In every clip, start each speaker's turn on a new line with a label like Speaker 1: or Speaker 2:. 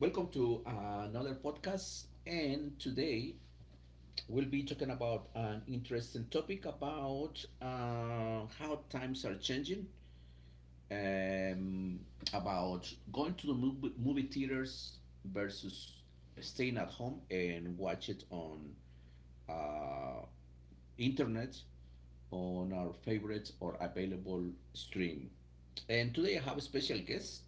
Speaker 1: Welcome to another podcast. And today we'll be talking about an interesting topic about how times are changing, um, about going to the movie theaters versus staying at home and watch it on uh, internet on our favorite or available stream. And today I have a special guest.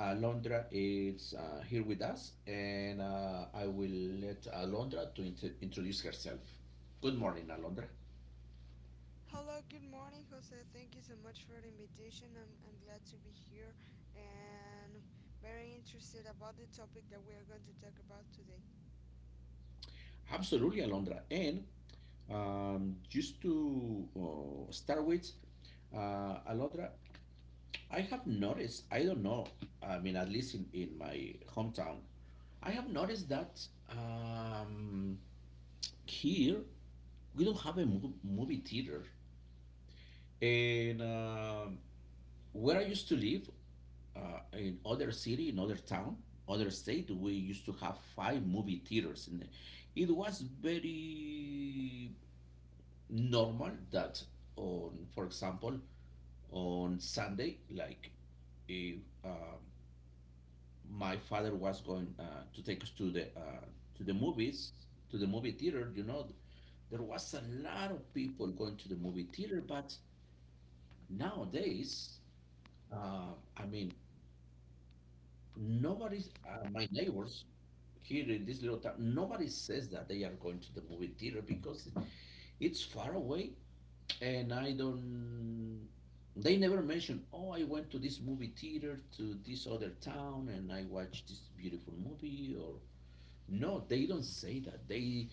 Speaker 1: Alondra is here with us, and I will let Alondra to introduce herself. Good morning, Alondra.
Speaker 2: Hello, good morning, Jose. Thank you so much for the invitation. I'm glad to be here and very interested about the topic that we are going to talk about today.
Speaker 1: Absolutely, Alondra. And Just to start with, Alondra, I have noticed, I don't know, I mean, at least in my hometown, I have noticed that here we don't have a movie theater. And Where I used to live, in other city, in other town, other state, we used to have five movie theaters, and it was very normal that on, for example, on Sunday, like if uh, my father was going to take us to the movies, to the movie theater, you know, there was a lot of people going to the movie theater, but nowadays, I mean, nobody's, my neighbors here in this little town, nobody says that they are going to the movie theater because it's far away and I don't, they never mention, oh, I went to this movie theater to this other town and I watched this beautiful movie or, no, they don't say that. They,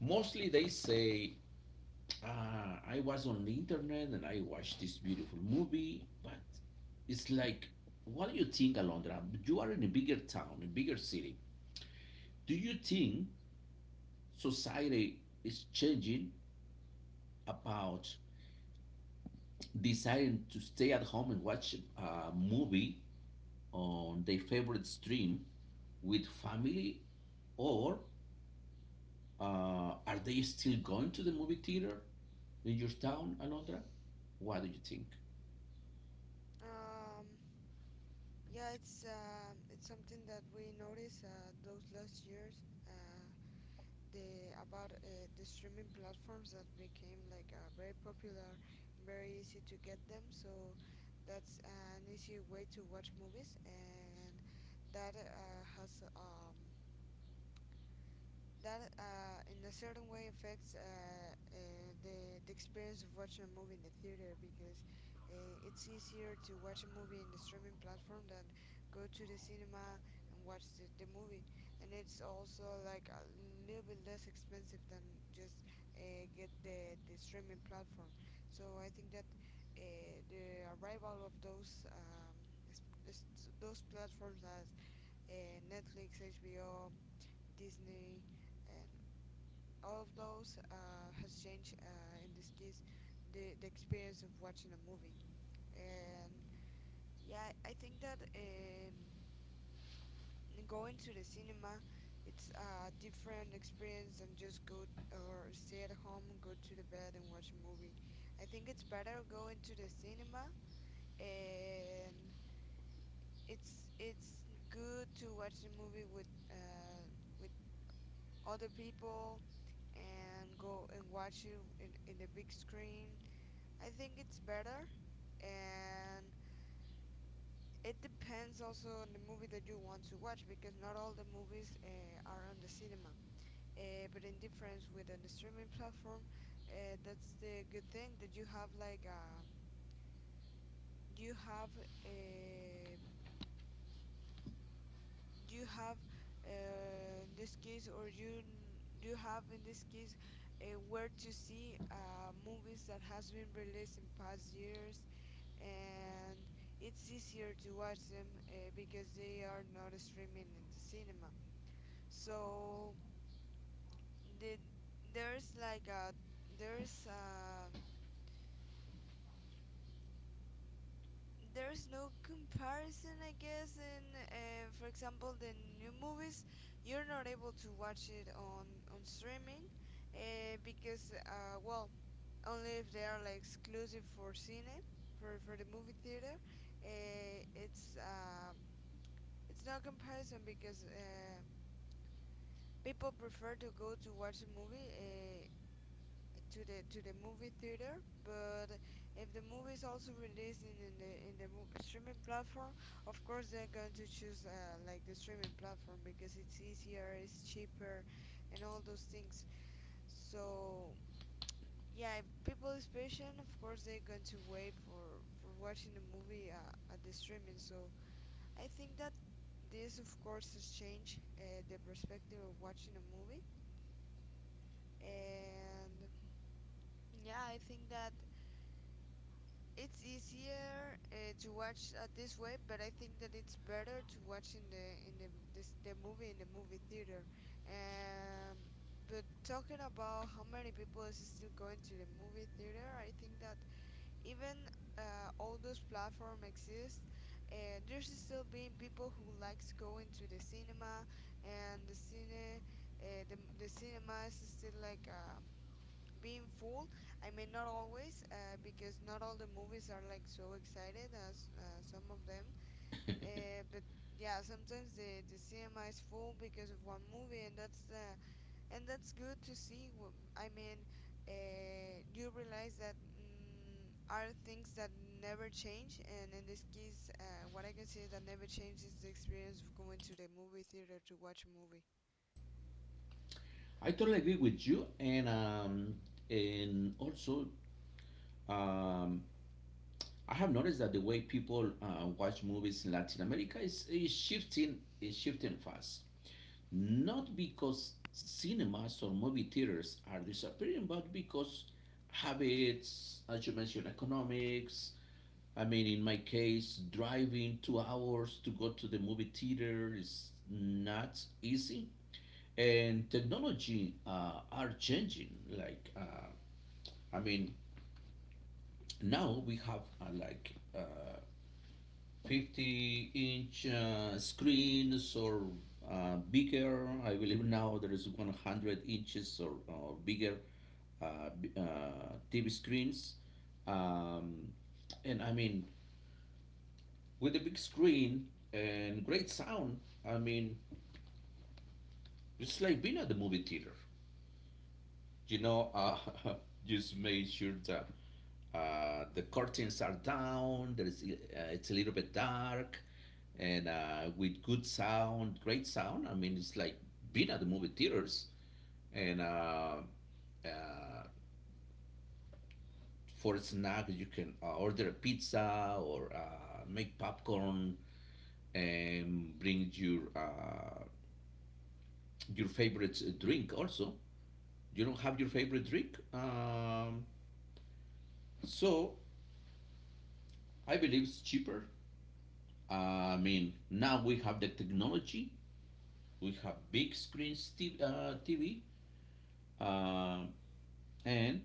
Speaker 1: mostly they say, I was on the internet and I watched this beautiful movie, but it's like, what do you think, Alondra? You are in a bigger town, a bigger city. Do you think society is changing about deciding to stay at home and watch a movie on their favorite stream with family, or uh, are they still going to the movie theater in your town, Alondra? What do you think?
Speaker 2: Um, yeah, it's something that we noticed those last years, uh, the about the streaming platforms that became like very popular, very easy to get them. So that's an easy way to watch movies, and that uh, has um, that in a certain way affects the experience of watching a movie in the theater because it's easier to watch a movie in the streaming platform than go to the cinema and watch the movie, and it's also like a little bit less expensive than just get the streaming platform. So I think that the arrival of those s- those platforms as Netflix, HBO, Disney, and all of those has changed, in this case, the experience of watching a movie. And yeah, I think that going to the cinema, it's a different experience than just go or stay at home, go to the bed and watch a movie. I think it's better going to the cinema, and it's good to watch the movie with other people, and go and watch it in the big screen. I think it's better, and it depends also on the movie that you want to watch because not all the movies are on the cinema. But in difference with an streaming platform, that's the good thing that you have a you have, in this case, or you have in this case where to see movies that has been released in past years, and it's easier to watch them because they are not streaming in the cinema. So the, there's like a there's um there's no comparison, I guess. In, for example, the new movies, you're not able to watch it on streaming, because only if they are like exclusive for cine, for the movie theater. Uh, it's um it's no comparison because people prefer to go to watch a movie to the movie theater. But if the movie is also released in the streaming platform, of course they're going to choose like the streaming platform because it's easier, it's cheaper, and all those things. So yeah, if people is patient, of course they're going to wait for watching the movie at the streaming. So I think that this, of course, has changed the perspective of watching a movie. And yeah, I think that it's easier to watch this way, but I think that it's better to watch the movie in the movie theater. Um, but talking about how many people is still going to the movie theater, I think that even all those platforms exist, there's still being people who likes going to the cinema, and the cinema is still like, being full. I mean, not always, because not all the movies are like so excited as some of them. But yeah, sometimes the cinema is full because of one movie, and that's the and that's good to see. I mean, you realize that are things that never change, and in this case, what I can say that never changes is the experience of going to the movie theater to watch a movie.
Speaker 1: I totally agree with you, and and also, um, I have noticed that the way people watch movies in Latin America is shifting fast. Not because cinemas or movie theaters are disappearing, but because habits, as you mentioned, economics. I mean, in my case, driving 2 hours to go to the movie theater is not easy, and technology are changing like i mean now we have 50 inch screens, or bigger. I believe now there is 100 inches, or bigger TV screens. um, and I mean, with a big screen and great sound, I mean, it's like being at the movie theater, you know. Uh, just made sure that the curtains are down. There is it's a little bit dark, and with good sound, great sound. I mean, it's like being at the movie theaters. And uh, for a snack, you can order a pizza or make popcorn and bring your favorite drink. Also, you don't have your favorite drink, so I believe it's cheaper. I mean, now we have the technology. We have big screens, TV, TV, uh, and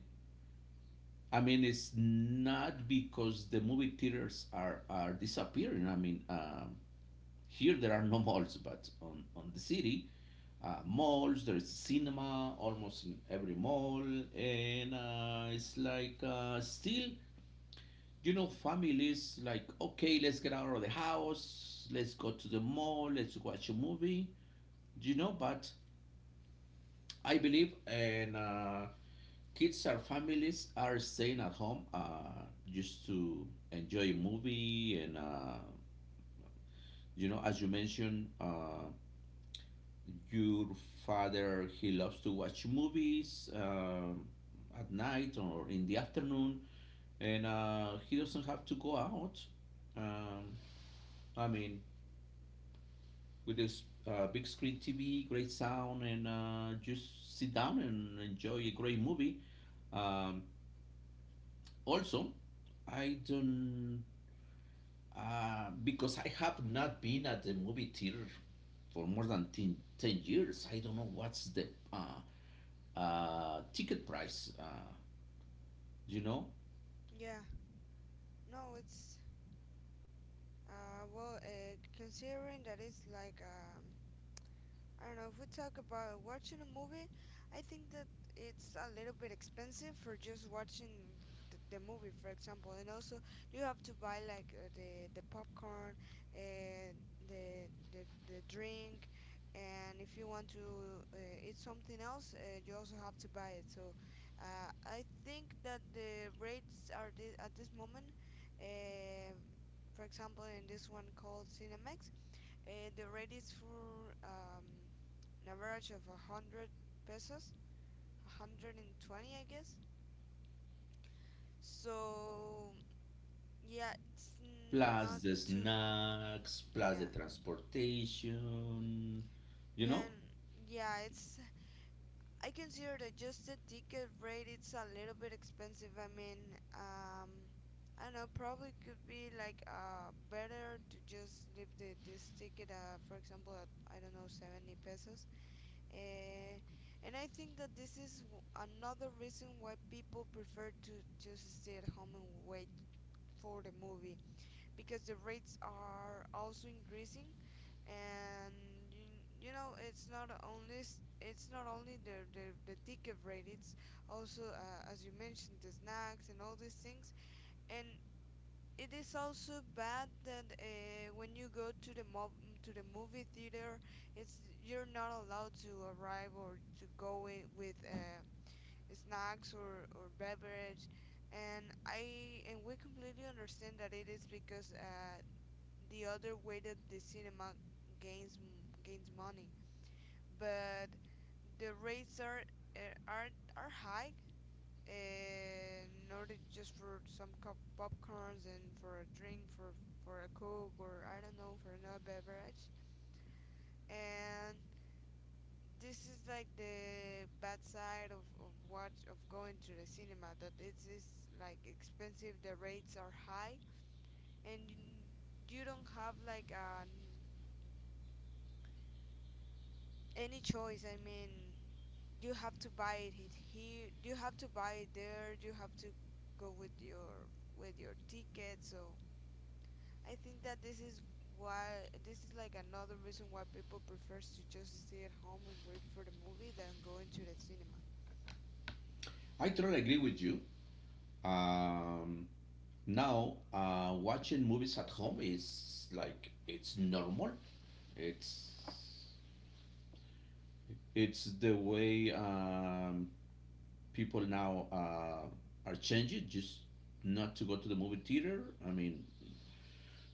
Speaker 1: I mean it's not because the movie theaters are disappearing. Here there are no malls, but on the city malls there is cinema almost in every mall, and it's like still, you know, families like, okay, let's get out of the house, let's go to the mall, let's watch a movie, you know. But I believe, and kids or families are staying at home just to enjoy a movie, and you know, as you mentioned, your father, he loves to watch movies at night or in the afternoon, and he doesn't have to go out. um, I mean, with this big screen TV, great sound, and just sit down and enjoy a great movie. um, Also, I don't. Because I have not been at the movie theater for more than ten years. I don't know what's the ticket price, you know,
Speaker 2: Yeah, no, it's considering that it's like, I don't know if we talk about watching a movie. I think that it's a little bit expensive for just watching the movie, for example, and also you have to buy like the popcorn and the drink, and if you want to eat something else, you also have to buy it. So I think that the rates are at this moment. Uh, for example, in this one called Cinemax, the rate is for an average of 100 pesos, 120, I guess. So yeah, it's not
Speaker 1: plus the
Speaker 2: too.
Speaker 1: snacks, plus the
Speaker 2: Yeah,
Speaker 1: transportation, you
Speaker 2: yeah,
Speaker 1: know.
Speaker 2: and yeah. It's I consider that just the ticket rate, it's a little bit expensive. I mean, I don't know. Probably could be like better to just leave the this ticket, for example, at, I don't know, 70 pesos. Uh, and I think that this is another reason why people prefer to just stay at home and wait for the movie because the rates are also increasing. And you know, it's not only it's not only the ticket rate, it's also, as you mentioned, the snacks and all these things. And it is also bad that when you go to the mob to the movie theater, it's you're not allowed to arrive or to go in with snacks or beverage, and I and we completely understand that it is because the other way that the cinema gains gains money. But the rates uh, are are high, and not just for some cup popcorns and for a drink, for a coke, or I don't know, for another beverage. And this is like the bad side of going to the cinema, that it is like expensive, the rates are high, and you don't have like an any choice. I mean, you have to buy it here, you have to buy it there, you have to go with your ticket. So I think that this is why this is like another reason why people prefers to just stay at home and wait for the movie than going to the cinema.
Speaker 1: I totally agree with you. Um, Now, watching movies at home is like, it's normal. It's it's the way, people now are changing just not to go to the movie theater. I mean,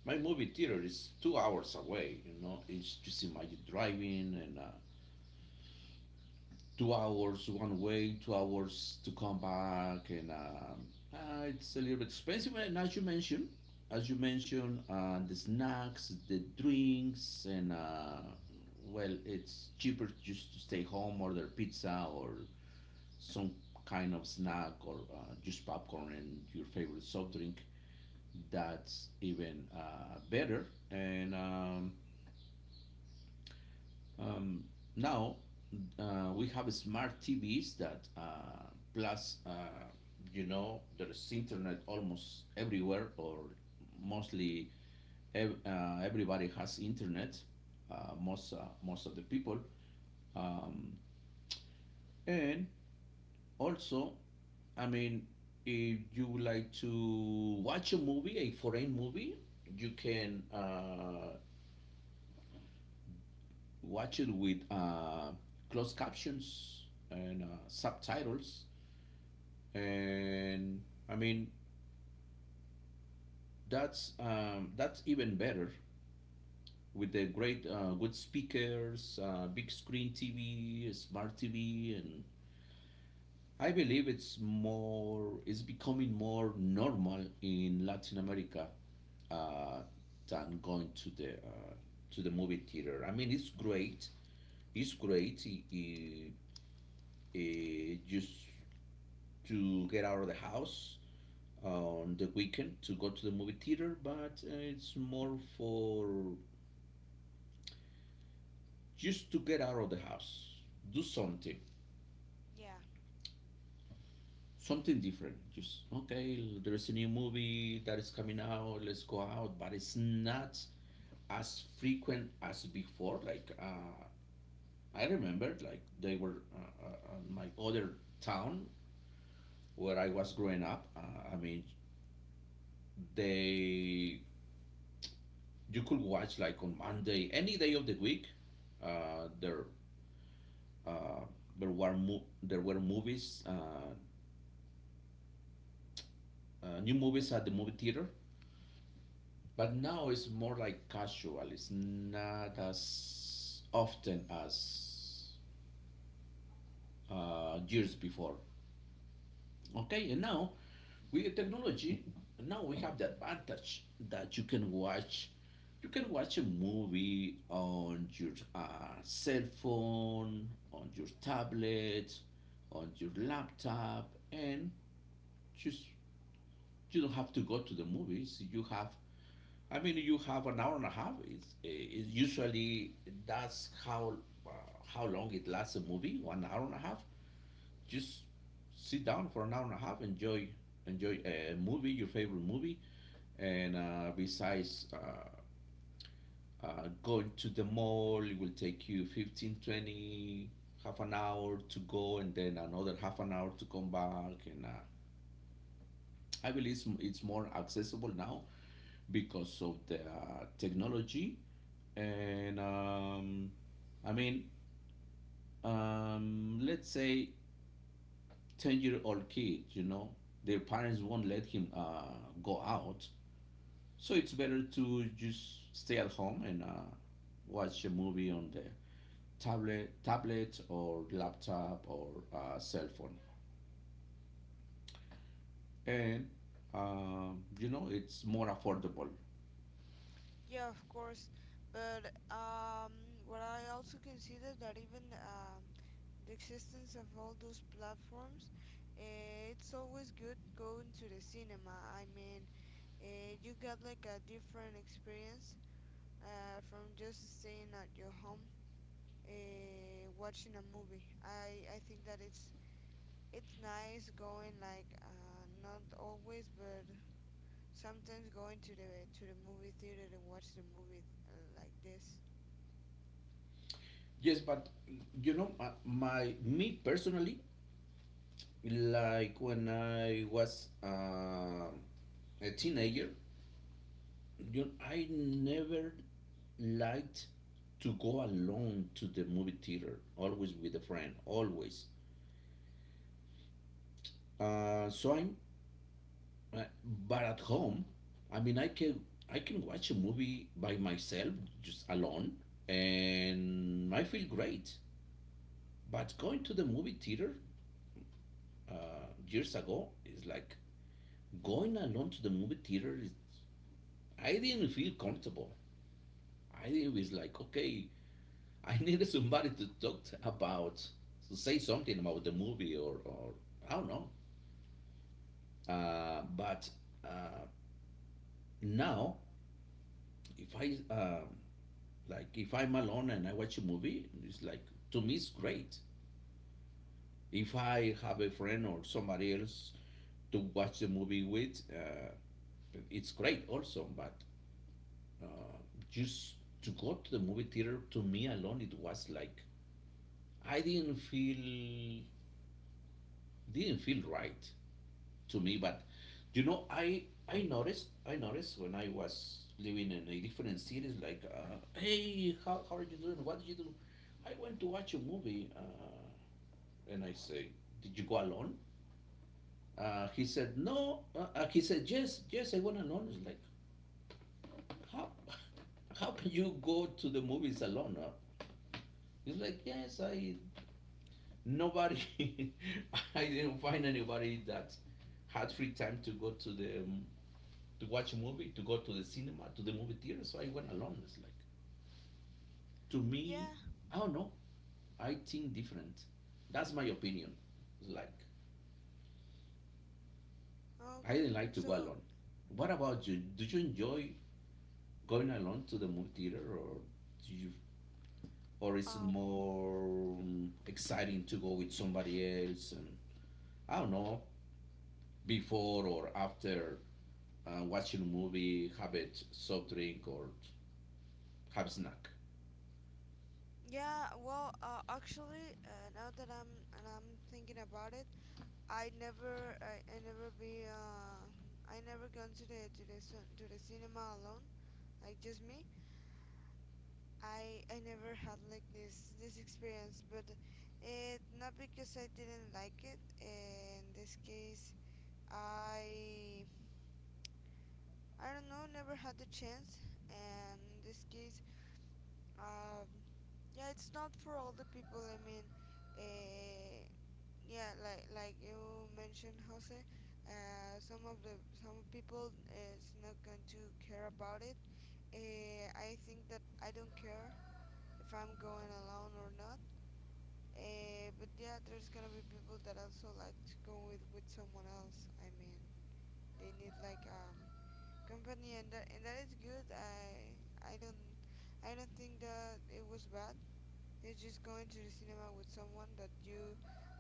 Speaker 1: my movie theater is 2 hours away. You know, it's just imagine driving and 2 hours one way, 2 hours to come back, and it's a little bit expensive. And as you mentioned, the snacks, the drinks, and well, it's cheaper just to stay home, order pizza, or some kind of snack or juice, popcorn, and your favorite soft drink. That's even better. And um, Now we have smart TVs that, plus, you know, there's internet almost everywhere, or mostly everybody has internet. uh, most uh, Most of the people. um, and also, I mean, if you would like to watch a movie, a foreign movie, you can watch it with closed captions and subtitles. And I mean, that's even better with the great, good speakers, big screen TV, smart TV, and I believe it's becoming more normal in Latin America uh, than going to the movie theater. I mean, it's great. It's great just to get out of the house on the weekend to go to the movie theater, but it's more for just to get out of the house, do something,
Speaker 2: Yeah,
Speaker 1: something different.
Speaker 2: mm,
Speaker 1: Just okay, there is a new movie that is coming out. Let's go out, but it's not as frequent as before. Like, I remember like they were, on my other town where I was growing up. I mean, they, you could watch like on Monday, any day of the week. Uh, there uh, there were movies, new movies at the movie theater. But now it's more like casual. It's not as often as years before. Okay, and now with technology, now we have the advantage that you can watch a movie on your cell phone, on your tablet, on your laptop, and just you don't have to go to the movies. You have, I mean, you have an hour and a half. It's usually, that's how, uh, how long it lasts a movie, 1 hour and a half. Just sit down for an hour and a half, enjoy a movie, your favorite movie, and besides going to the mall, it will take you 15, 20, half an hour to go, and then another half an hour to come back. And I believe it's more accessible now because of the technology. And I mean, let's say 10-year-old kid, you know, their parents won't let him go out. So it's better to just stay at home and watch a movie on the tablet or laptop or cell phone. And, you know, it's more affordable.
Speaker 2: yeah, of course. But what I also consider that even the existence of all those platforms, it's always good going to the cinema. I mean, you got like a different experience from just staying at your home, watching a movie. I think that it's nice going, like, not always, but sometimes going to the movie theater and watch the movie like this.
Speaker 1: Yes, but, you know, me personally, like when I was a teenager, you know, I never liked to go alone to the movie theater, always with a friend, always. Uh, so I'm, uh, but at home, I mean, I can watch a movie by myself, just alone, and I feel great. But going to the movie theater years ago is like going alone to the movie theater. Is, I didn't feel comfortable. I didn't, it was like, okay, I needed somebody to talk about, to say something about the movie, or I don't know. But uh, now, if I, like, if I'm alone and I watch a movie, it's like to me it's great. If I have a friend or somebody else to watch the movie with, it's great also. But uh, just to go to the movie theater to me alone, it was like I didn't feel, didn't feel right to me. But you know, I noticed when I was living in a different cities, like, hey, how are you doing, what did you do? I went to watch a movie, and I say, did you go alone? He said no. He said yes, yes, I went alone. It's like, how how can you go to the movies alone, huh? It's like, yes, I, nobody I didn't find anybody that had free time to go to the, to watch a movie, to go to the cinema, to the movie theater. So I went alone. It's like, to me,
Speaker 2: Yeah.
Speaker 1: I don't know. I think different. That's my opinion. It's like,
Speaker 2: Oh,
Speaker 1: I didn't like to go
Speaker 2: so.
Speaker 1: alone. What about you? Do you enjoy going alone to the movie theater, or do you, or is it
Speaker 2: um,
Speaker 1: more exciting to go with somebody else? And I don't know, before or after watching a movie, have a soft drink or have a snack.
Speaker 2: yeah. Well, actually, now that I'm thinking about it, I never I, I never be I never gone to to the cinema alone, like just me. I never had like this experience, but it not because I didn't like it. In this case, I I don't know, never had the chance, and in this case, um, yeah, it's not for all the people. I mean, uh, yeah, like you mentioned, Jose, some of the some people is not going to care about it. I think that I don't care if I'm going alone or not. But yeah, there's gonna be people that also like to go with someone else. I mean, they need like company, and that is good. I don't think that it was bad. It's just going to the cinema with someone that you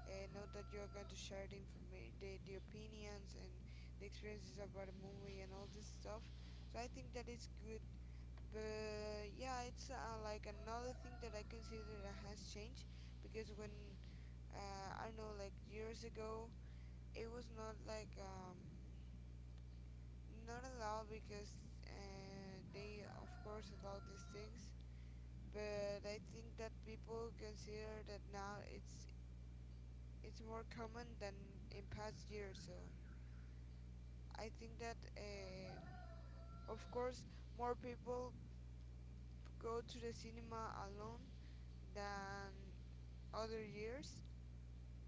Speaker 2: know that you are going to share the opinions and the experiences about a movie and all this stuff. So I think that is good. But yeah, it's like another thing that I consider that has changed because when, I don't know, like years ago it was not like, not allowed because they of course allowed these things, but I think that people consider that now it's more common than in past years. So I think that of course more people go to the cinema alone than other years,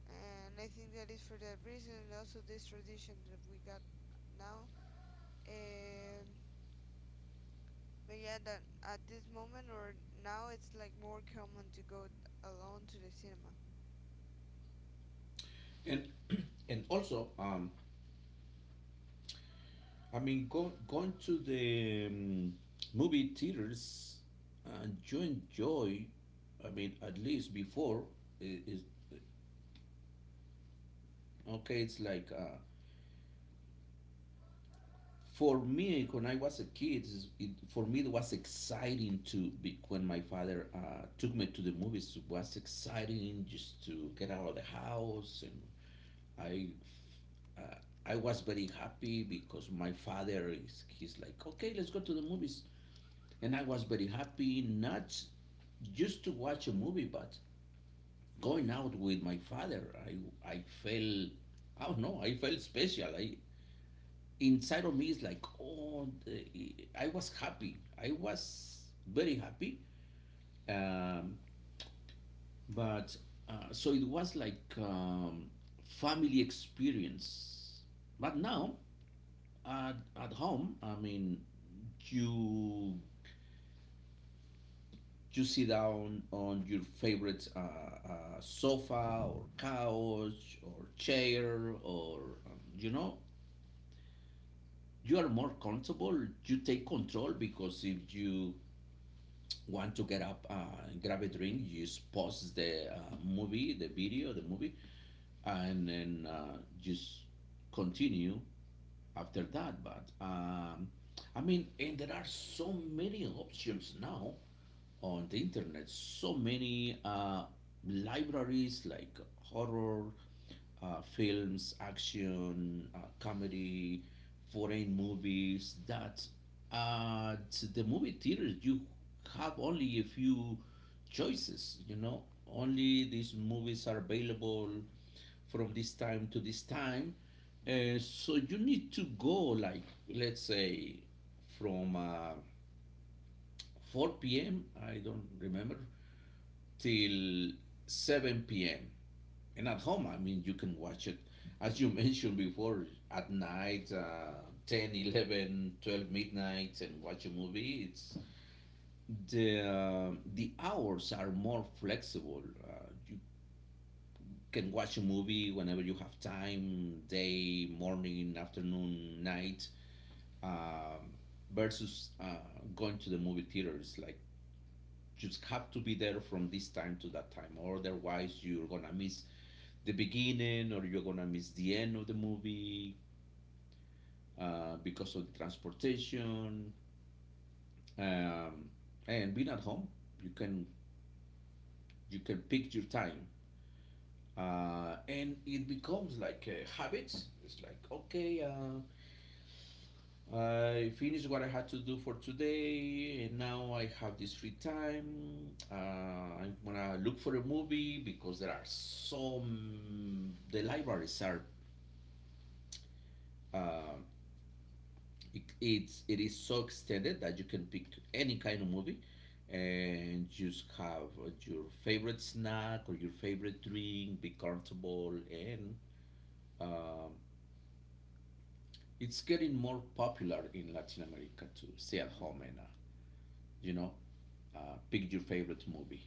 Speaker 2: and I think that is for that reason and also this tradition that we got now. Um, but yeah, that at this moment, or now, it's like more common to go alone to the cinema.
Speaker 1: And and also, I mean, going to the movie theaters and you enjoy, I mean, at least before, is okay, it's like for me, when I was a kid, for me, it was exciting to be when my father took me to the movies. It was exciting just to get out of the house, and I uh, I was very happy because my father is he's like, okay, let's go to the movies. And I was very happy, not just to watch a movie, but going out with my father. I felt, I don't know, I felt special. I inside of me is like, oh, I was happy. I was very happy. Um, but So it was like family experience. But
Speaker 2: Mm.
Speaker 1: now at home, I mean, you you sit down on your favorite sofa or couch or chair or you know you are more comfortable, you take control, because if you want to get up and grab a drink you just pause the movie and then just continue after that. But I mean, and there are so many options now on the internet, so many libraries like horror, films, action, comedy, foreign movies, that at the movie theaters you have only a few choices, you know, only these movies are available from this time to this time. So you need to go, like, let's say, from 4 p.m., I don't remember, till 7 p.m. And at home, I mean, you can watch it, as you mentioned before, at night, 10, 11, 12 midnight, and watch a movie. It's the hours are more flexible. Uh, you can watch a movie whenever you have time, day, morning, afternoon, night. Um, versus going to the movie theaters, like, just have to be there from this time to that time, or otherwise you're gonna miss the beginning or you're gonna miss the end of the movie, because of the transportation. Um, and being at home, you can you can pick your time, and it becomes like a habit. It's like, okay, I finished what I had to do for today and now I have this free time. I'm gonna look for a movie because there are some, the libraries are, uh, it's, it is so extended that you can pick any kind of movie, and just have your favorite snack or your favorite drink, be comfortable, and um, it's getting more popular in Latin America to stay at home and, you know, uh, pick your favorite movie.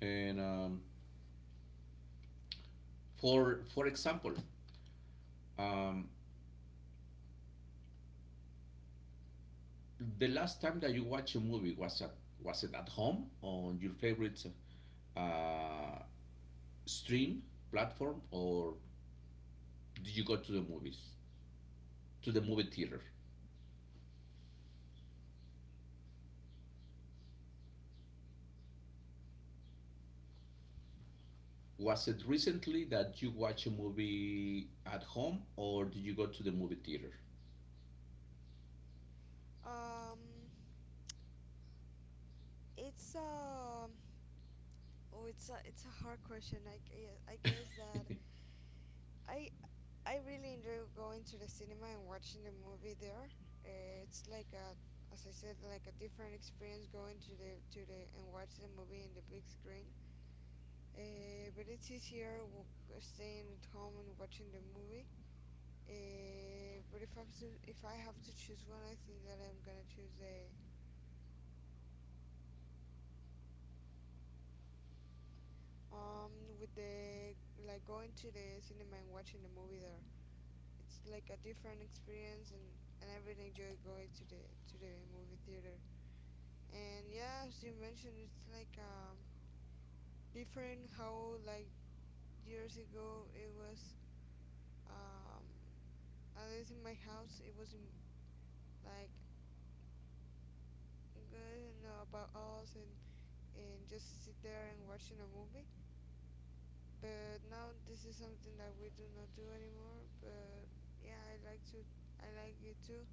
Speaker 1: And for example, um, the last time that you watch a movie, was at, was it at home on your favorite uh, stream platform, or did you go to the movies, to the movie theater? Was it recently that you watch a movie at home, or did you go to the movie theater?
Speaker 2: Um, it's oh, it's a hard question. I guess that I I really enjoy going to the cinema and watching the movie there. It's like a as I said, like a different experience going to the and watch the movie in the big screen. But it's easier staying at home and watching the movie. But if I have to choose one, I think that I'm gonna choose the, um with the like, going to the cinema and watching the movie there. It's like a different experience, and I really enjoy going to the movie theater. And yeah, as you mentioned, it's like different how, like years ago it was um at least in my house it was in, like good you know about us and just sit there and watching a movie. But now this is something that we do not do anymore. But yeah, I like to, I like it too,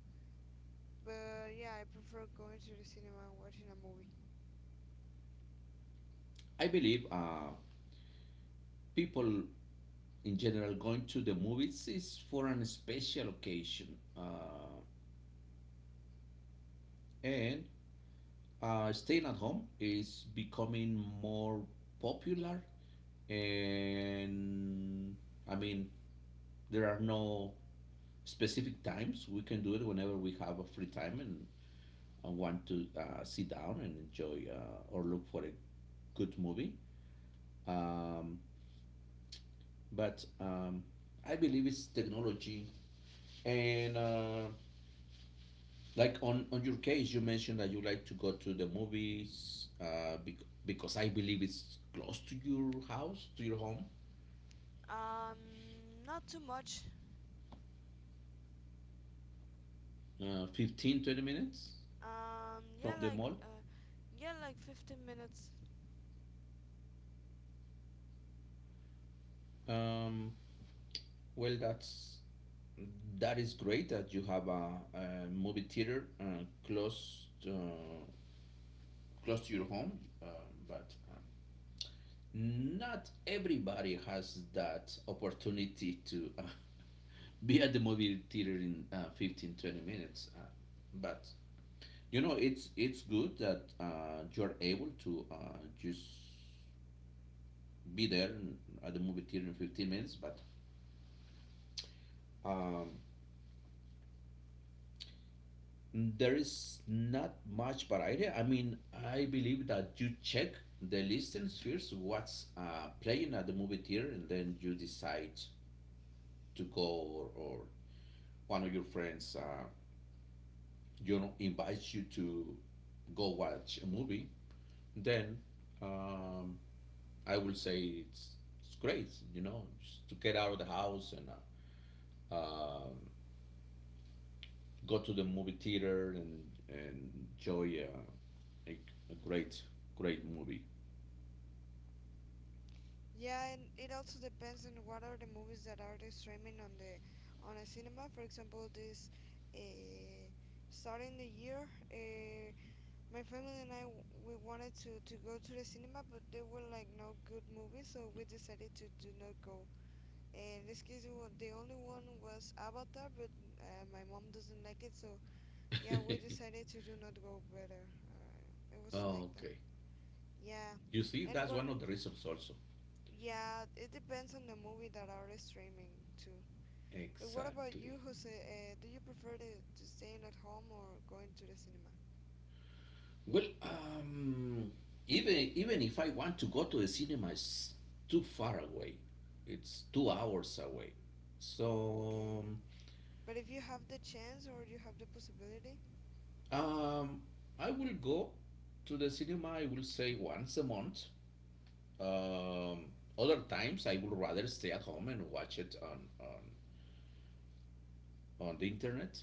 Speaker 2: but yeah, I prefer going to the cinema and watching a movie.
Speaker 1: I believe people in general, going to the movies is for an special occasion, uh, and staying at home is becoming more popular. And I mean, there are no specific times. We can do it whenever we have a free time, and want to sit down and enjoy, or look for a good movie. Um, but I believe it's technology. And like on your case, you mentioned that you like to go to the movies, because I believe it's close to your house, to your home,
Speaker 2: Um, not too much.
Speaker 1: 15, 20 minutes
Speaker 2: Um,
Speaker 1: from
Speaker 2: yeah,
Speaker 1: the
Speaker 2: like,
Speaker 1: mall.
Speaker 2: uh, yeah, like 15 minutes.
Speaker 1: Um, well, that is great that you have a movie theater close to your home, but not everybody has that opportunity to be at the movie theater in 15, 20 minutes. But you know, it's good that you're able to just be there at the movie theater in 15 minutes. But um, there is not much variety. I mean, I believe that you check the listings first, what's playing at the movie theater, and then you decide to go, or one of your friends, you know, invites you to go watch a movie. Then um, I will say it's great, you know, just to get out of the house and uh, um go to the movie theater, and enjoy a, a great, great movie.
Speaker 2: Yeah, and it also depends on what are the movies that are they streaming on the on a cinema. For example, this uh, starting the year, my family and I we wanted to go to the cinema, but there were like no good movies, so we decided to do not go. In this case, the only one was Avatar, but my mom doesn't like it, so yeah, we decided to do not go better. It was like that.
Speaker 1: Okay.
Speaker 2: Yeah,
Speaker 1: You see,
Speaker 2: and
Speaker 1: that's
Speaker 2: what?
Speaker 1: one of the reasons also.
Speaker 2: Yeah, it depends on the movie that are streaming too. But what about
Speaker 1: Exactly.
Speaker 2: you, Jose? Do you prefer to staying at home or going to the cinema?
Speaker 1: Well, even if I want to go to the cinema, it's too far away. It's 2 hours away.
Speaker 2: Oh,
Speaker 1: So
Speaker 2: okay. But if you have the chance or you have the possibility,
Speaker 1: um, I will go to the cinema. I will say once a month. Um, other times, I would rather stay at home and watch it on the internet.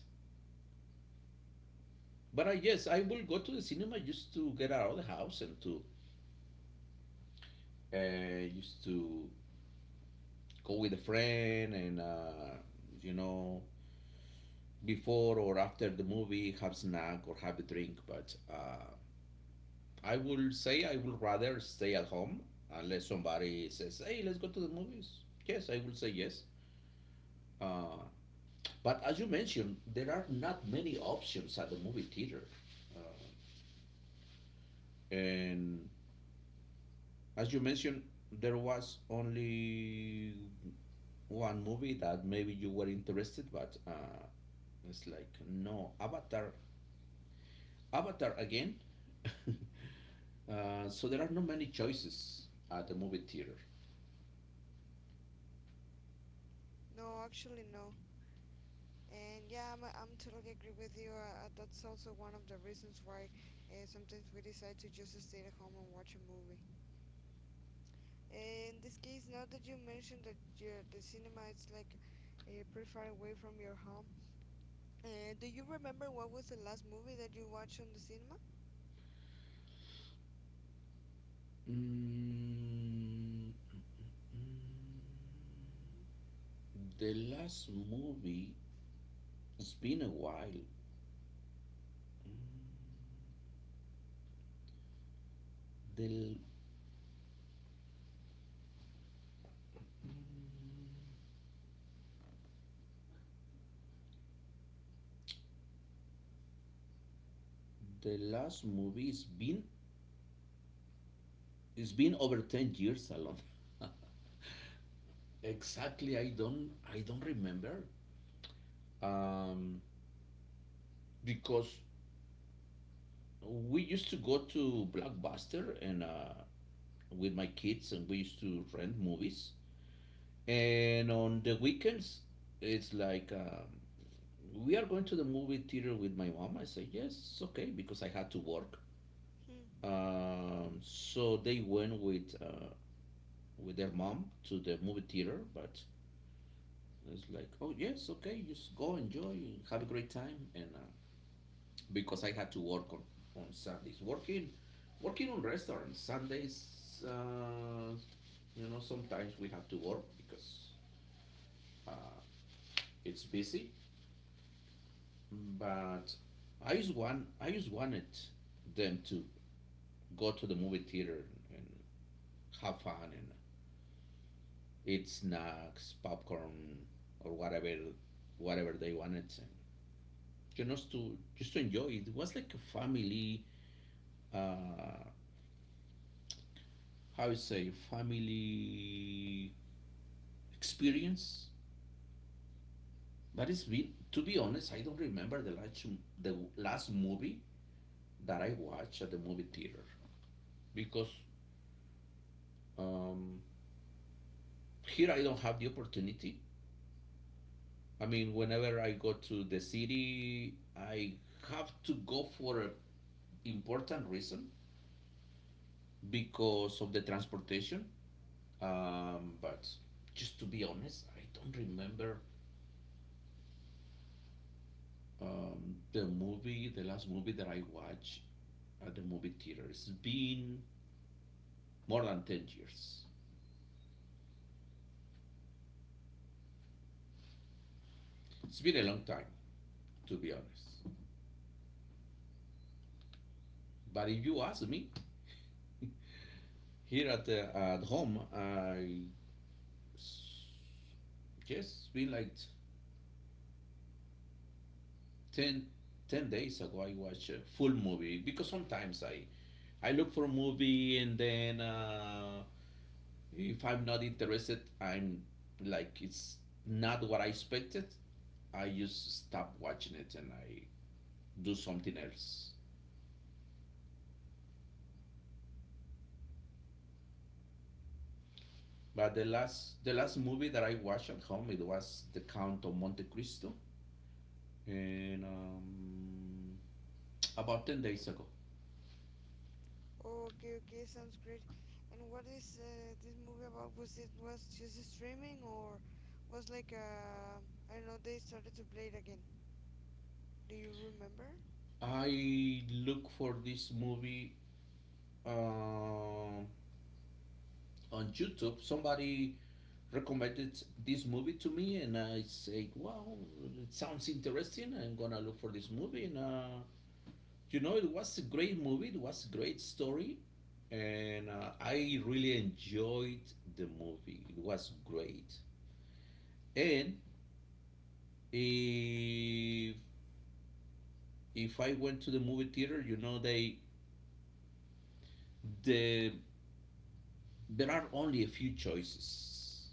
Speaker 1: But yes, I
Speaker 2: okay.
Speaker 1: will go to the cinema just to get out of the house and to used to go with a friend and you know, before or after the movie have snack or have a drink. But I will say I would rather stay at home, unless somebody says, hey, let's go to the movies. Yes, I will say yes. Uh, but as you mentioned, there are not many options at the movie theater, uh, and as you mentioned, there was only one movie that maybe you were interested, but it's like, no, Avatar, Avatar again. Uh, so there are not many choices at the movie theater.
Speaker 2: No, actually, no. And yeah, I'm totally agree with you. That's also one of the reasons why sometimes we decide to just stay at home and watch a movie. In this case, now that you mentioned that you, the cinema is like pretty far away from your home, do you remember what was the last movie that you watched on the cinema?
Speaker 1: Mm, mm, the last movie, it's been a while. The the last movie is been, it's been over 10 years alone. Exactly. I don't remember. Um, because we used to go to Blockbuster and with my kids, and we used to rent movies. And on the weekends, it's like we are going to the movie theater with my mom. I say, yes, it's okay, because I had to work.
Speaker 2: Hmm.
Speaker 1: So they went with their mom to the movie theater, but it's like, oh, yes, okay, just go, enjoy, have a great time, and because I had to work on Sundays. Working on restaurants Sundays. You know, sometimes we have to work because uh, it's busy. But I just wanted them to go to the movie theater and have fun and eat snacks, popcorn, or whatever, whatever they wanted. And you know, to just to enjoy it. It was like a family. Uh, how you say, family experience. But it's been, to be honest, I don't remember the last movie that I watched at the movie theater, because um, here I don't have the opportunity. I mean, whenever I go to the city, I have to go for an important reason, because of the transportation. But just to be honest, I don't remember the last movie that I watched at the movie theater. It's been more than 10 years. It's been a long time, to be honest. But if you ask me, here at, the, at home, I just been like 10 10 days ago, I watched a full movie, because sometimes I look for a movie and then if I'm not interested, I'm like, it's not what I expected. I just stop watching it and I do something else. But the last movie that I watched at home, it was The Count of Monte Cristo, and about 10 days ago.
Speaker 2: Oh, okay, okay, sounds great. And what is this movie about? Was it was just streaming or was like I don't know they started to play it again? Do you remember?
Speaker 1: I look for this movie uh, on YouTube. Somebody recommended this movie to me, and I said, "Wow, it sounds interesting. I'm gonna look for this movie." And you know, it was a great movie. It was a great story, and I really enjoyed the movie. It was great. And if if I went to the movie theater, you know, they the there are only a few choices.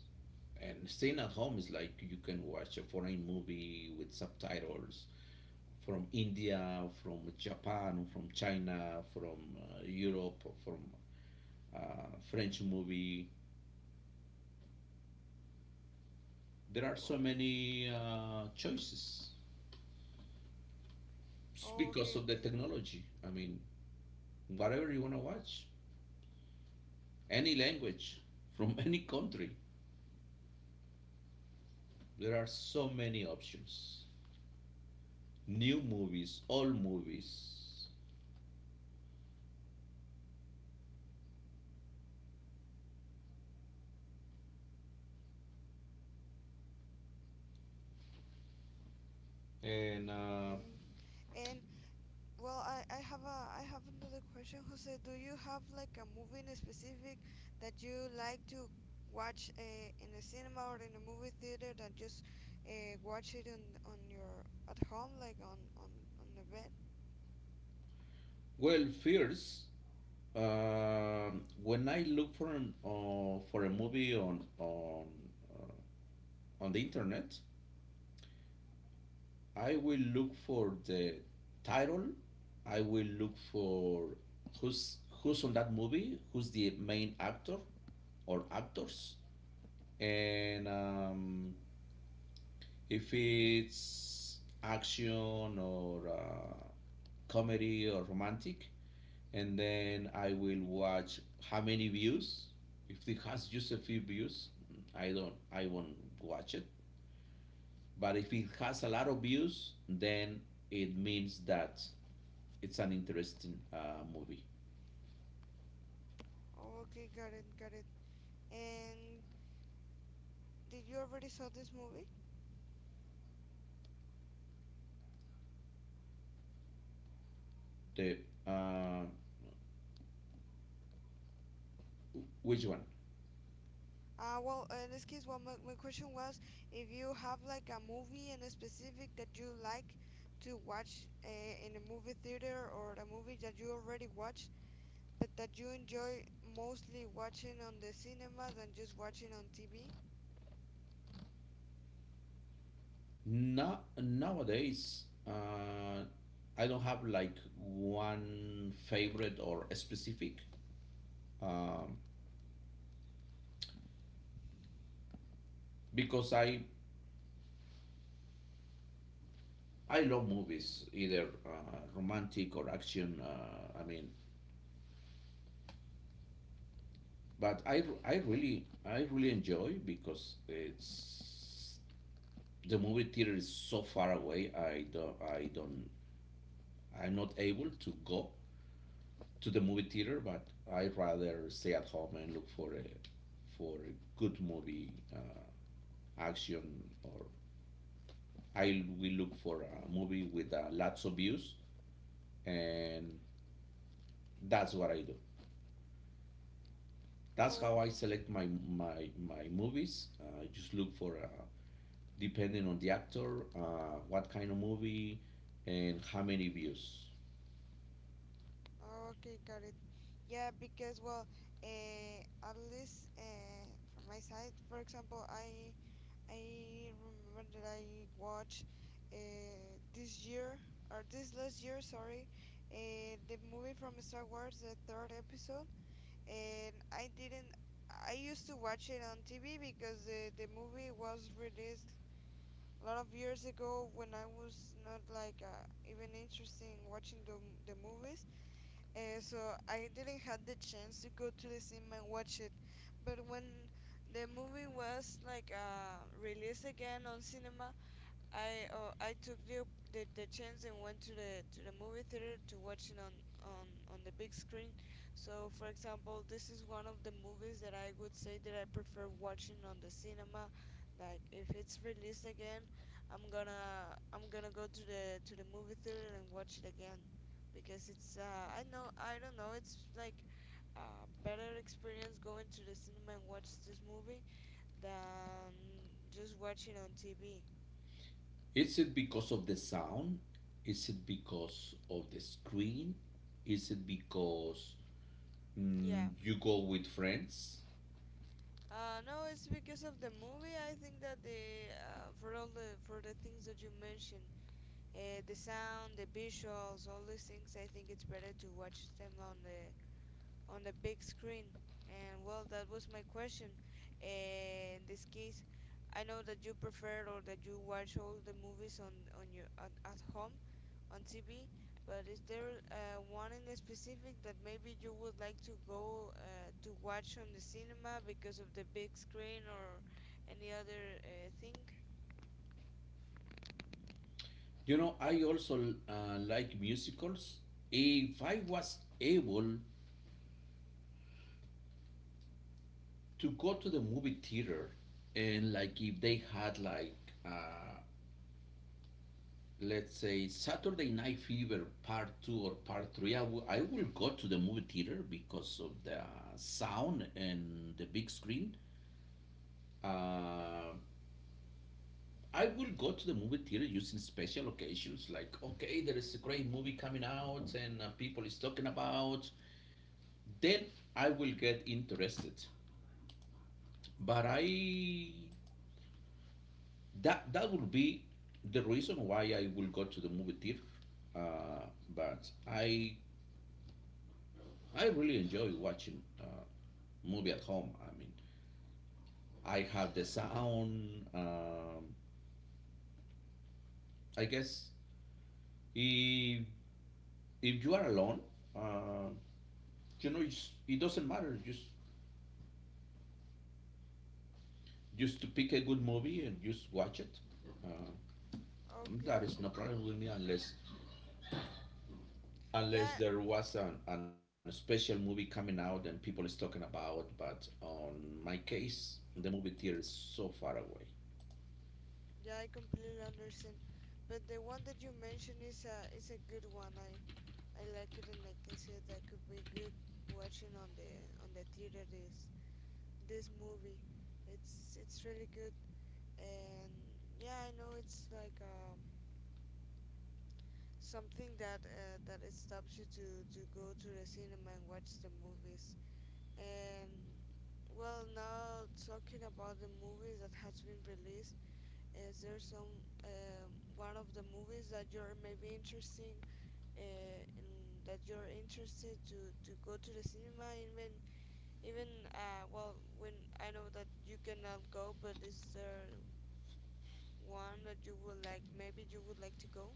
Speaker 1: And staying at home is like, you can watch a foreign movie with subtitles from India, from Japan, from China, from Europe, from French movie. There are so
Speaker 2: Oh,
Speaker 1: many choices. It's
Speaker 2: oh,
Speaker 1: because
Speaker 2: okay,
Speaker 1: of the
Speaker 2: okay,
Speaker 1: technology. I mean, whatever you want to watch, any language from any country. There are so many options, new movies, old movies. And,
Speaker 2: okay. And, well, I have a, I have another question, Jose. Do you have like a movie in specific that you like to watch in a cinema or in a movie theater than just watch it on your at home, like on the bed?
Speaker 1: well, first, um, when I look for, for a movie uh, on the internet, I will look for the title, I will look for who's on that movie, who's the main actor or actors. And If it's action or comedy or romantic, and then I will watch how many views. If it has just a few views, I won't watch it. But if it has a lot of views, then it means that it's an interesting movie.
Speaker 2: Oh, okay, got it, got it. And did you already saw this movie?
Speaker 1: The uh, which one?
Speaker 2: Well, in this case, well, my question was if you have like a movie in a specific that you like to watch in a movie theater, or a movie that you already watched, but that you enjoy mostly watching on the cinema than just watching on TV.
Speaker 1: Nowadays I don't have like one favorite or specific. um, because I love movies, either romantic or action. I mean, but I really, I really enjoy, because it's, the movie theater is so far away. I don't I'm not able to go to the movie theater, but I rather stay at home and look for a for a good movie, action, or I will look for a movie with lots of views, and that's what I do. That's
Speaker 2: Oh,
Speaker 1: how I
Speaker 2: okay.
Speaker 1: select my movies. I just look for depending on the actor, what kind of movie, and how many views.
Speaker 2: Oh, okay, got it. Yeah, because, well, uh, at least from my side, for example, I remember that I watched this year or this last year, sorry, the movie from Star Wars, the third episode, and I didn't. I used to watch it on TV because the movie was released a lot of years ago when I was not like even interested in watching the movies, so I didn't have the chance to go to the cinema and watch it. But when the movie was like released again on cinema, I took the, the chance and went to the movie theater to watch it on the big screen. So, for example, this is one of the movies that I would say that I prefer watching on the cinema. Like if it's released again, I'm gonna go to the movie theater and watch it again, because it's I know I don't know it's like a better experience going to the cinema and watch this movie than just watching on TV.
Speaker 1: Is it because of the sound? Is it because of the screen? Is it because
Speaker 2: Yeah.
Speaker 1: you go with friends?
Speaker 2: No, it's because of the movie. I think that the for all the for the things that you mentioned, the sound, the visuals, all these things, I think it's better to watch them on the big screen. And, well, that was my question. In this case, I know that you prefer or that you watch all the movies on your at home on TV, but is there one in specific that maybe you would like to go to watch on the cinema because of the big screen or any other thing?
Speaker 1: You know, I also like musicals. If I was able to go to the movie theater, and like if they had like uh, let's say Saturday Night Fever Part Two or Part Three, I will go to the movie theater because of the sound and the big screen. Uh, I will go to the movie theater using special occasions like, okay, there is a great movie coming out and people is talking about. Then I will get interested. But I that that will be the reason why I will go to the movie theater. Uh, but I really enjoy watching movie at home. I mean, I have the sound. I guess if if you are alone, uh, you know, it doesn't matter. Just to pick a good movie and just watch it. Uh, that
Speaker 2: Okay.
Speaker 1: is no problem with me, unless unless
Speaker 2: Yeah,
Speaker 1: there was an special movie coming out and people is talking about. But on my case, the movie theater is so far away.
Speaker 2: yeah, I completely understand. But the one that you mentioned is a good one. I like it, and I can say that I could be good watching on the theater this this movie. It's really good, and yeah, I know it's like something that that it stops you to go to the cinema and watch the movies. And, well, now talking about the movies that has been released, is there some one of the movies that you're maybe interesting and that you're interested to go to the cinema, even even well, when I know that you cannot go, but is there one that you would like, maybe you would like to go?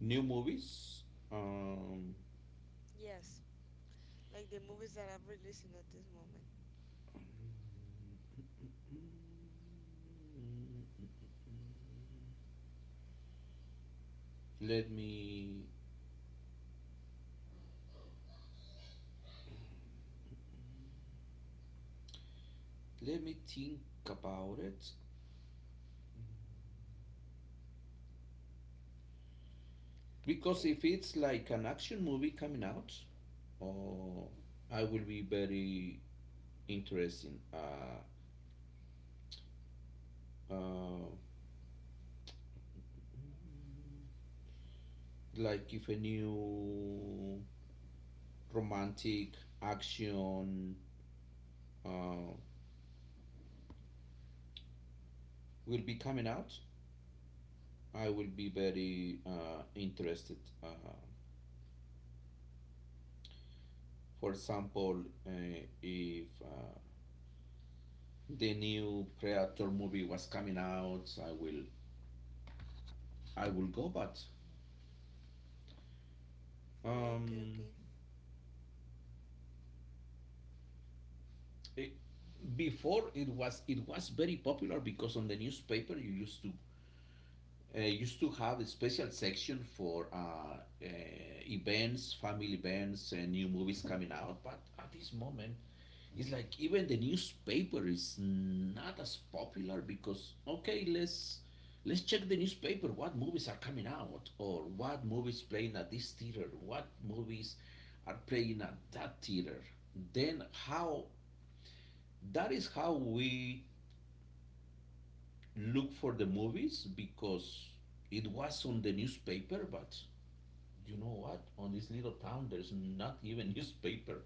Speaker 1: New movies. Um,
Speaker 2: Yes, like the movies that are releasing at this moment.
Speaker 1: Let me let me think about it. Because
Speaker 2: Okay,
Speaker 1: if it's like an action movie coming out, oh, I will be very interesting. Uh, like if a new romantic action uh, will be coming out, I will be very interested. For example, if the new Predator movie was coming out, so I will go. But
Speaker 2: okay,
Speaker 1: um,
Speaker 2: okay.
Speaker 1: it, before, it was very popular because on the newspaper you used to used to have a special section for uh, events, family events, and new movies coming out. But at this moment, it's like even the newspaper is not as popular because, okay, let's check the newspaper. What movies are coming out, or what movies playing at this theater? What movies are playing at that theater? Then how That is how we look for the movies, because it was on the newspaper. But you know what? On this little town, there's not even newspaper.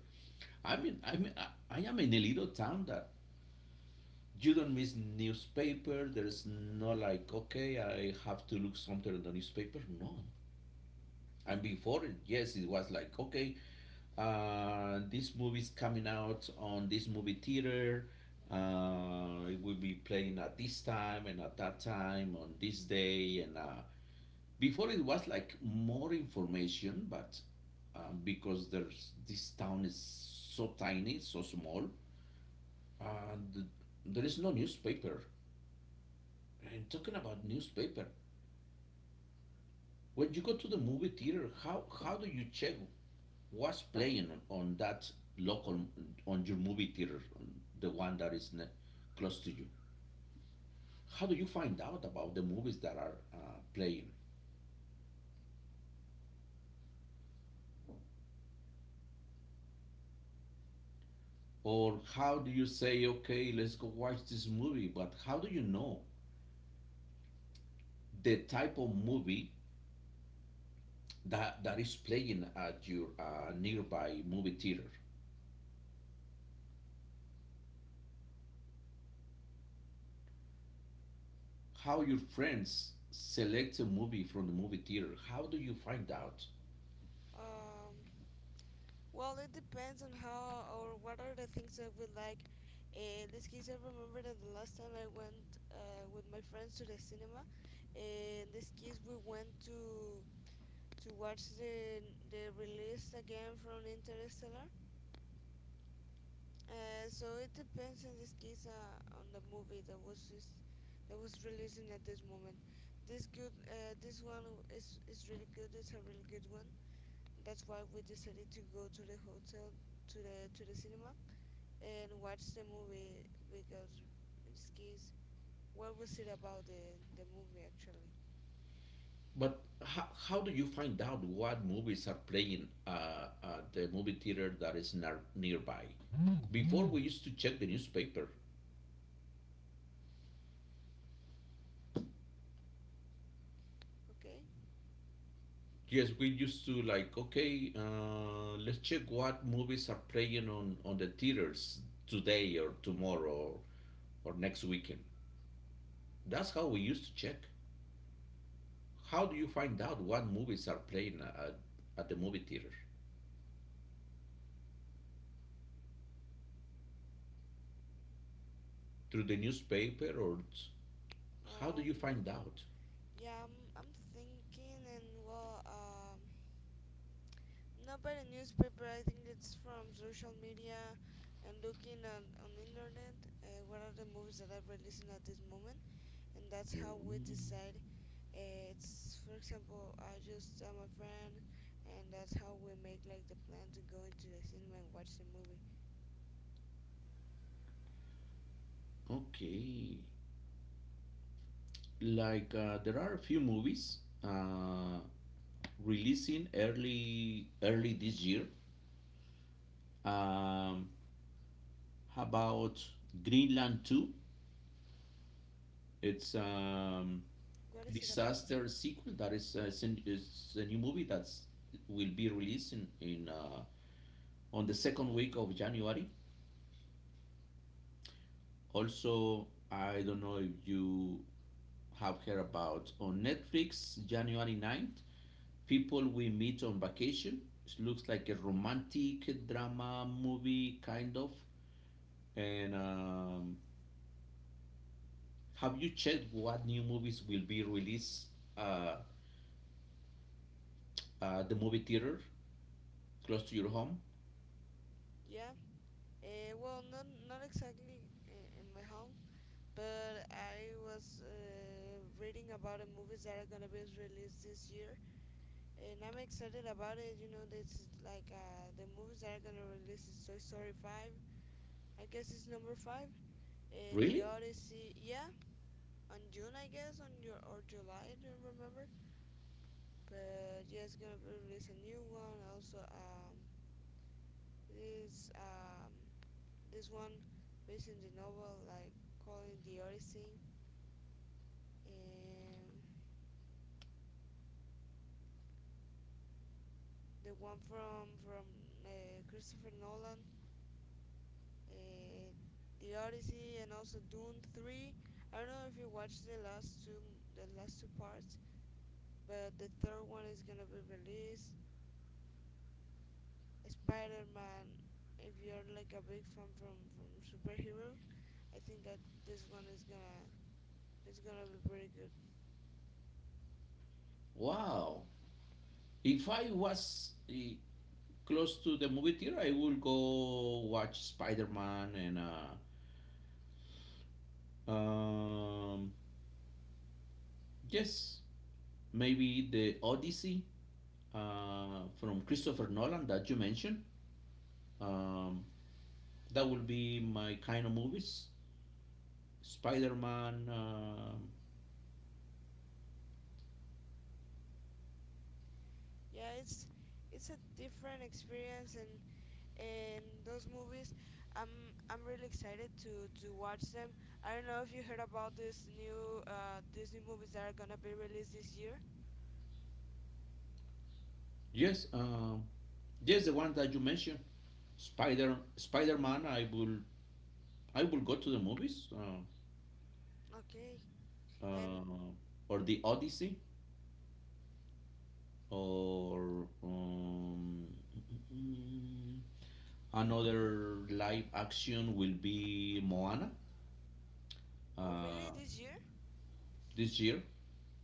Speaker 1: I mean, I am in a little town that you don't miss newspaper. There's no like, okay, I have to look something in the newspaper. No, and before, yes, it was like, okay, this movie's coming out on this movie theater. It will be playing at this time and at that time on this day. And before, it was like more information. But because there's this town is so tiny, so small, and there is no newspaper. And talking about newspaper, when you go to the movie theater, how do you check was playing on that local, on your movie theater, the one that is close to you? How do you find out about the movies that are playing? Or how do you say, okay, let's go watch this movie? But how do you know the type of movie that is playing at your nearby movie theater? How your friends select a movie from the movie theater? How do you find out?
Speaker 2: Um, well, it depends on how or what are the things that we like. In this case, I remember that the last time I went with my friends to the cinema, in this case, we went to watch the release again from Interstellar. So it depends in this case on the movie that that was releasing at this moment. This good this one is really good. It's a really good one. That's why we decided to go to the hotel to the cinema and watch the movie because in this case, what was it about the movie actually?
Speaker 1: But how do you find out what movies are playing at the movie theater that is nearby? Mm-hmm. Before we used to check the newspaper.
Speaker 2: Okay.
Speaker 1: Yes, we used to like, okay, let's check what movies are playing on the theaters today or tomorrow, or next weekend. That's how we used to check. How do you find out what movies are playing at the movie theater? Through the newspaper or how do you
Speaker 2: Um.
Speaker 1: find out?
Speaker 2: Yeah. I'm thinking and, well. Um. Not by the newspaper. I think it's from social media and looking on internet. What are the movies that are releasing at this moment? And that's how we
Speaker 1: Mm,
Speaker 2: decide. It's for example, I just am a friend, and that's how we make like the plan to go into the cinema and watch the movie.
Speaker 1: okay. Like there are a few movies uh, releasing early this year. Um, how about Greenland Two? It's
Speaker 2: What is it about?
Speaker 1: disaster sequel that is is a new movie that's will be released in on the second week of January. Also, I don't know if you have heard about on Netflix January 9th, people we meet on vacation. It looks like a romantic drama movie, kind of. And have you checked what new movies will be released uh, the movie theater close to your home?
Speaker 2: Yeah. Well, not not exactly in my home, but I was reading about the movies that are gonna be released this year, and I'm excited about it. You know, this is like the movies that are gonna release is Toy Story 5. I guess it's number five. The
Speaker 1: Really?
Speaker 2: Odyssey, yeah, on June I guess, on your or July, I don't remember. But yeah, it's gonna be release a new one. Also, this this one based in the novel, like calling the Odyssey, and the one from Christopher Nolan, eh, The Odyssey, and also Dune 3. I don't know if you watched the last two, the last two parts, but the third one is gonna be released. Spider-Man, if you're like a big fan from superhero, I think that this one is gonna it's gonna be pretty good.
Speaker 1: Wow. If I was close to the movie theater, I would go watch Spider Man and um, yes, maybe the Odyssey from Christopher Nolan that you mentioned. Um, that will be my kind of movies. Spider Man.
Speaker 2: Yeah, it's a different experience, and those movies, I'm really excited to watch them. I don't know if you heard about this new Disney movies that are gonna be released this year.
Speaker 1: Yes, yes, the one that you mentioned. Spider Man. I will go to the movies.
Speaker 2: Okay, and
Speaker 1: Uh, or the Odyssey. Or another live action will be Moana.
Speaker 2: oh, really,
Speaker 1: Uh,
Speaker 2: this year?
Speaker 1: this year,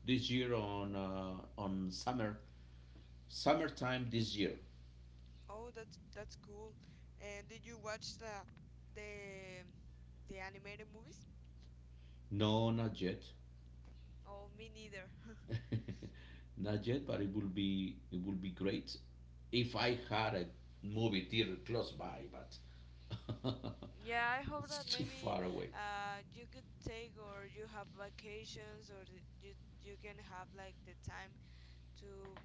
Speaker 1: on summer, summertime this year.
Speaker 2: Oh, that's cool. And did you watch the the animated movies?
Speaker 1: No, not yet.
Speaker 2: Oh, me neither.
Speaker 1: Not yet, but it will be great if I had a movie theater close by. But
Speaker 2: Yeah, I hope
Speaker 1: it's
Speaker 2: that
Speaker 1: too
Speaker 2: maybe
Speaker 1: far away.
Speaker 2: you could take or you have vacations, or you you can have like the time to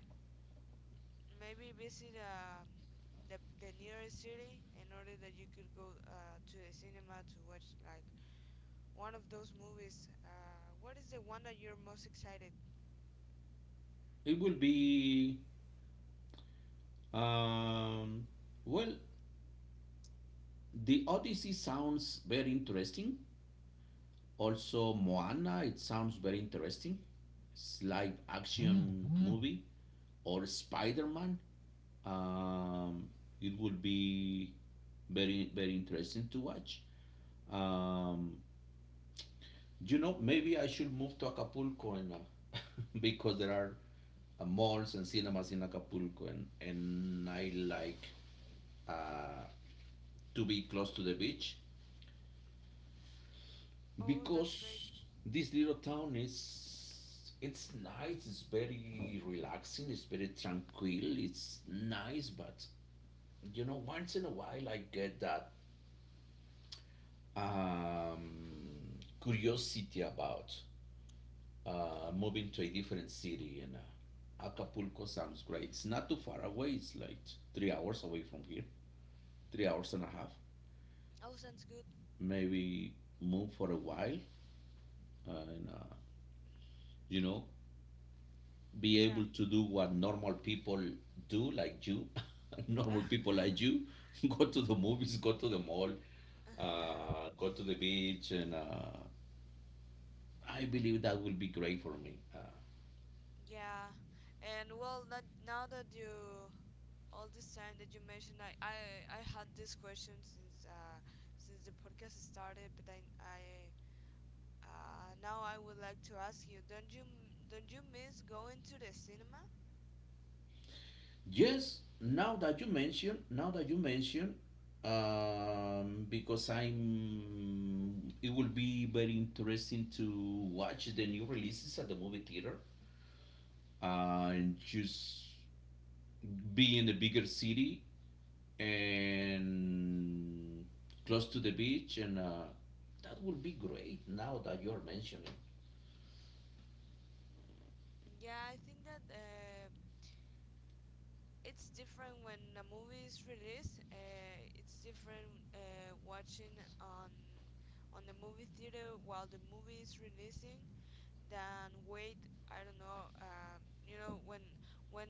Speaker 2: maybe visit the nearest city in order that you could go to the cinema to watch like one of those movies. What is the one that you're most excited?
Speaker 1: It will be um, well, the Odyssey sounds very interesting. Also, Moana, it sounds very interesting. It's live action Mhm. movie, or Spider Man. Um, it will be very interesting to watch. Um, You know, maybe I should move to Acapulco and because there are malls and cinemas in Acapulco, and I like uh, to be close to the beach,
Speaker 2: Oh, that's great.
Speaker 1: because this little town is, it's nice. It's very relaxing. It's very tranquil. It's nice, but you know, once in a while I get that curiosity about moving to a different city, and Acapulco sounds great. It's not too far away. It's like 3 hours away from here, 3 hours and a half.
Speaker 2: Oh, sounds good.
Speaker 1: Maybe move for a while and you know, be able
Speaker 2: Yeah.
Speaker 1: to do what normal people do, like you, normal people like you, go to the movies, go to the mall, go to the beach, and I believe that will be great for me.
Speaker 2: Yeah. And, well, that, now that you all this time that you mentioned, I had this question since the podcast started, but I now I would like to ask you, don't you don't you miss going to the cinema?
Speaker 1: Yes, now that you mention, because it will be very interesting to watch the new releases at the movie theater, and just be in a bigger city and close to the beach, and that will be great. Now that you are mentioning,
Speaker 2: Yeah, I think that it's different when a movie is released. It's different watching on on the movie theater while the movie is releasing than wait. I don't know. You know, when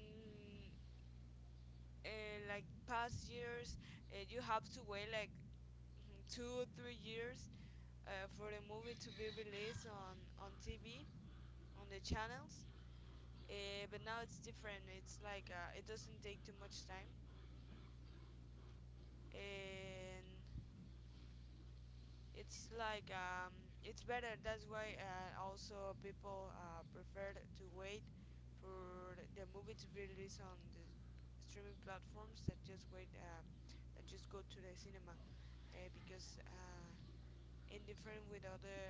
Speaker 2: like past years, you have to wait like 2 or 3 years for the movie to be released on TV. On the channels. But now it's different. It's like it doesn't take too much time, and it's like it's better. That's why also people prefer to wait for the movie to be released on the streaming platforms that just wait that just go to the cinema, because in different with other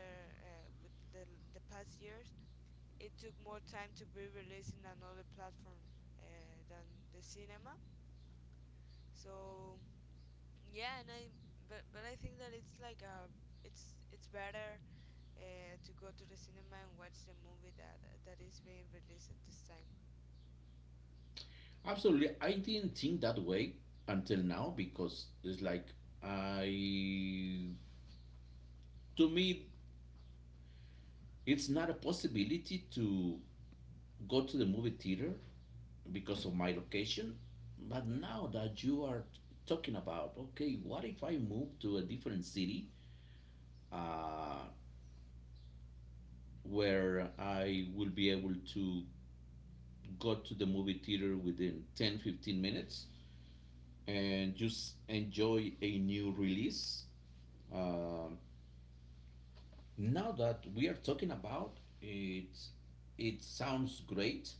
Speaker 2: with the past years, it took more time to be released in another platform than the cinema. So yeah, and I but I think that it's like it's better to go to the cinema and watch the movie that that is being released at this time.
Speaker 1: absolutely, I didn't think that way until now, because it's like I, to me it's not a possibility to go to the movie theater because of my location. But
Speaker 2: Yeah,
Speaker 1: now that you are talking about, okay, what if I move to a different city uh, where I will be able to go to the movie theater within 10 15 minutes and just enjoy a new release? Um Now that we are talking about it, it sounds great.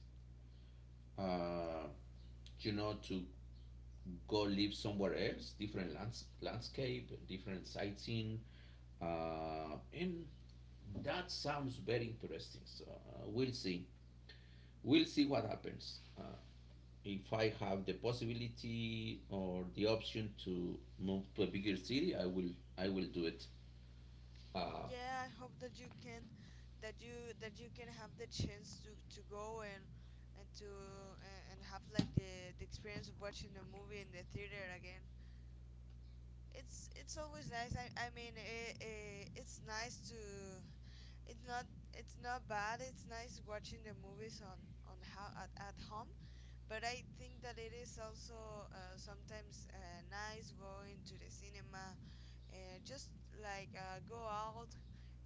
Speaker 1: uh, you know, to go live somewhere else, different landscape, different sightseeing, and that sounds very interesting. So we'll see. We'll see what happens. If I have the possibility or the option to move to a bigger city, I will. I will do it. Uh,
Speaker 2: yeah, I hope that you can have the chance to go and to and have like the experience of watching a movie in the theater again. It's always nice I mean it, it, it's nice to it's not it's not bad. It's nice watching the movies on how at home, but I think that it is also sometimes nice going to the cinema, just like go out,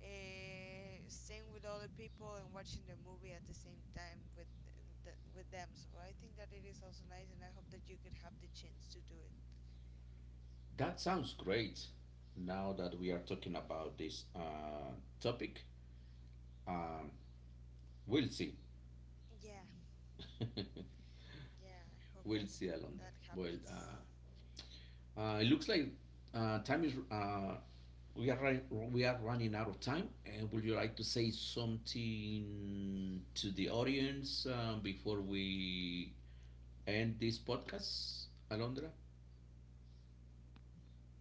Speaker 2: staying with other people and watching the movie at the same time with the, with them. So I think that it is also nice, and I hope that you could have the chance to do it.
Speaker 1: that sounds great. Now that we are talking about this topic, um, we'll see.
Speaker 2: Yeah, yeah. I hope
Speaker 1: We'll
Speaker 2: that
Speaker 1: see, Alondra.
Speaker 2: that
Speaker 1: Well, uh,
Speaker 2: happens.
Speaker 1: It looks like time is we are run, we are running out of time. And would you like to say something to the audience before we end this podcast, Alondra?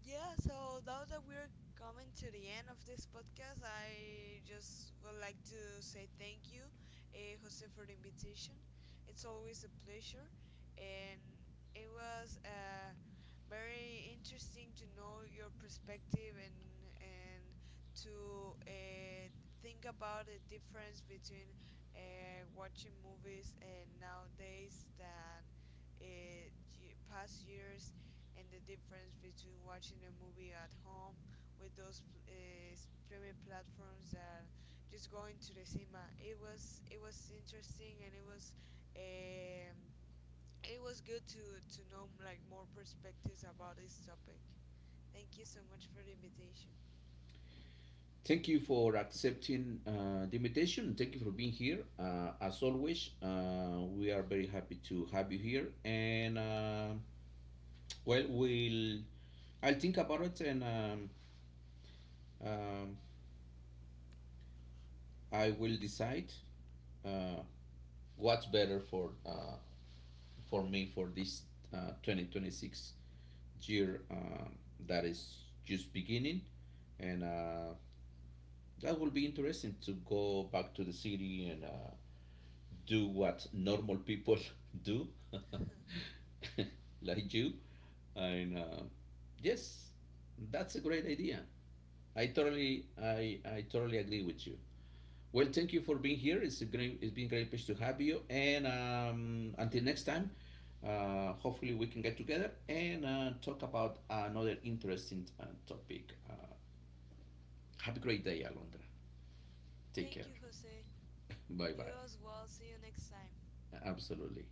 Speaker 2: Yeah, so now that we're coming to the end of this podcast, I just would like to say thank you, Jose, for the invitation. It's always a pleasure, and it was very interesting to know your perspective and to think about the difference between watching movies and nowadays than uh, past years, and the difference between watching a movie at home with those uh, streaming platforms and just going to the cinema. It was interesting, and um, it was good to know like more perspectives about this topic. Thank you so much for the invitation.
Speaker 1: Thank you for accepting the invitation. Thank you for being here. As always, we are very happy to have you here. And well, we'll I'll think about it, and um, I will decide uh, what's better for me, for this 2026 year that is just beginning. And that will be interesting to go back to the city and do what normal people do like you, and yes, that's a great idea. I totally agree with you. Well, thank you for being here. It's been a great pleasure to have you. And until next time, hopefully we can get together and talk about another interesting topic. Have a great day, Alondra. Take
Speaker 2: Thank
Speaker 1: care.
Speaker 2: you, Jose.
Speaker 1: Bye
Speaker 2: You
Speaker 1: bye.
Speaker 2: as well. See you next time.
Speaker 1: Absolutely.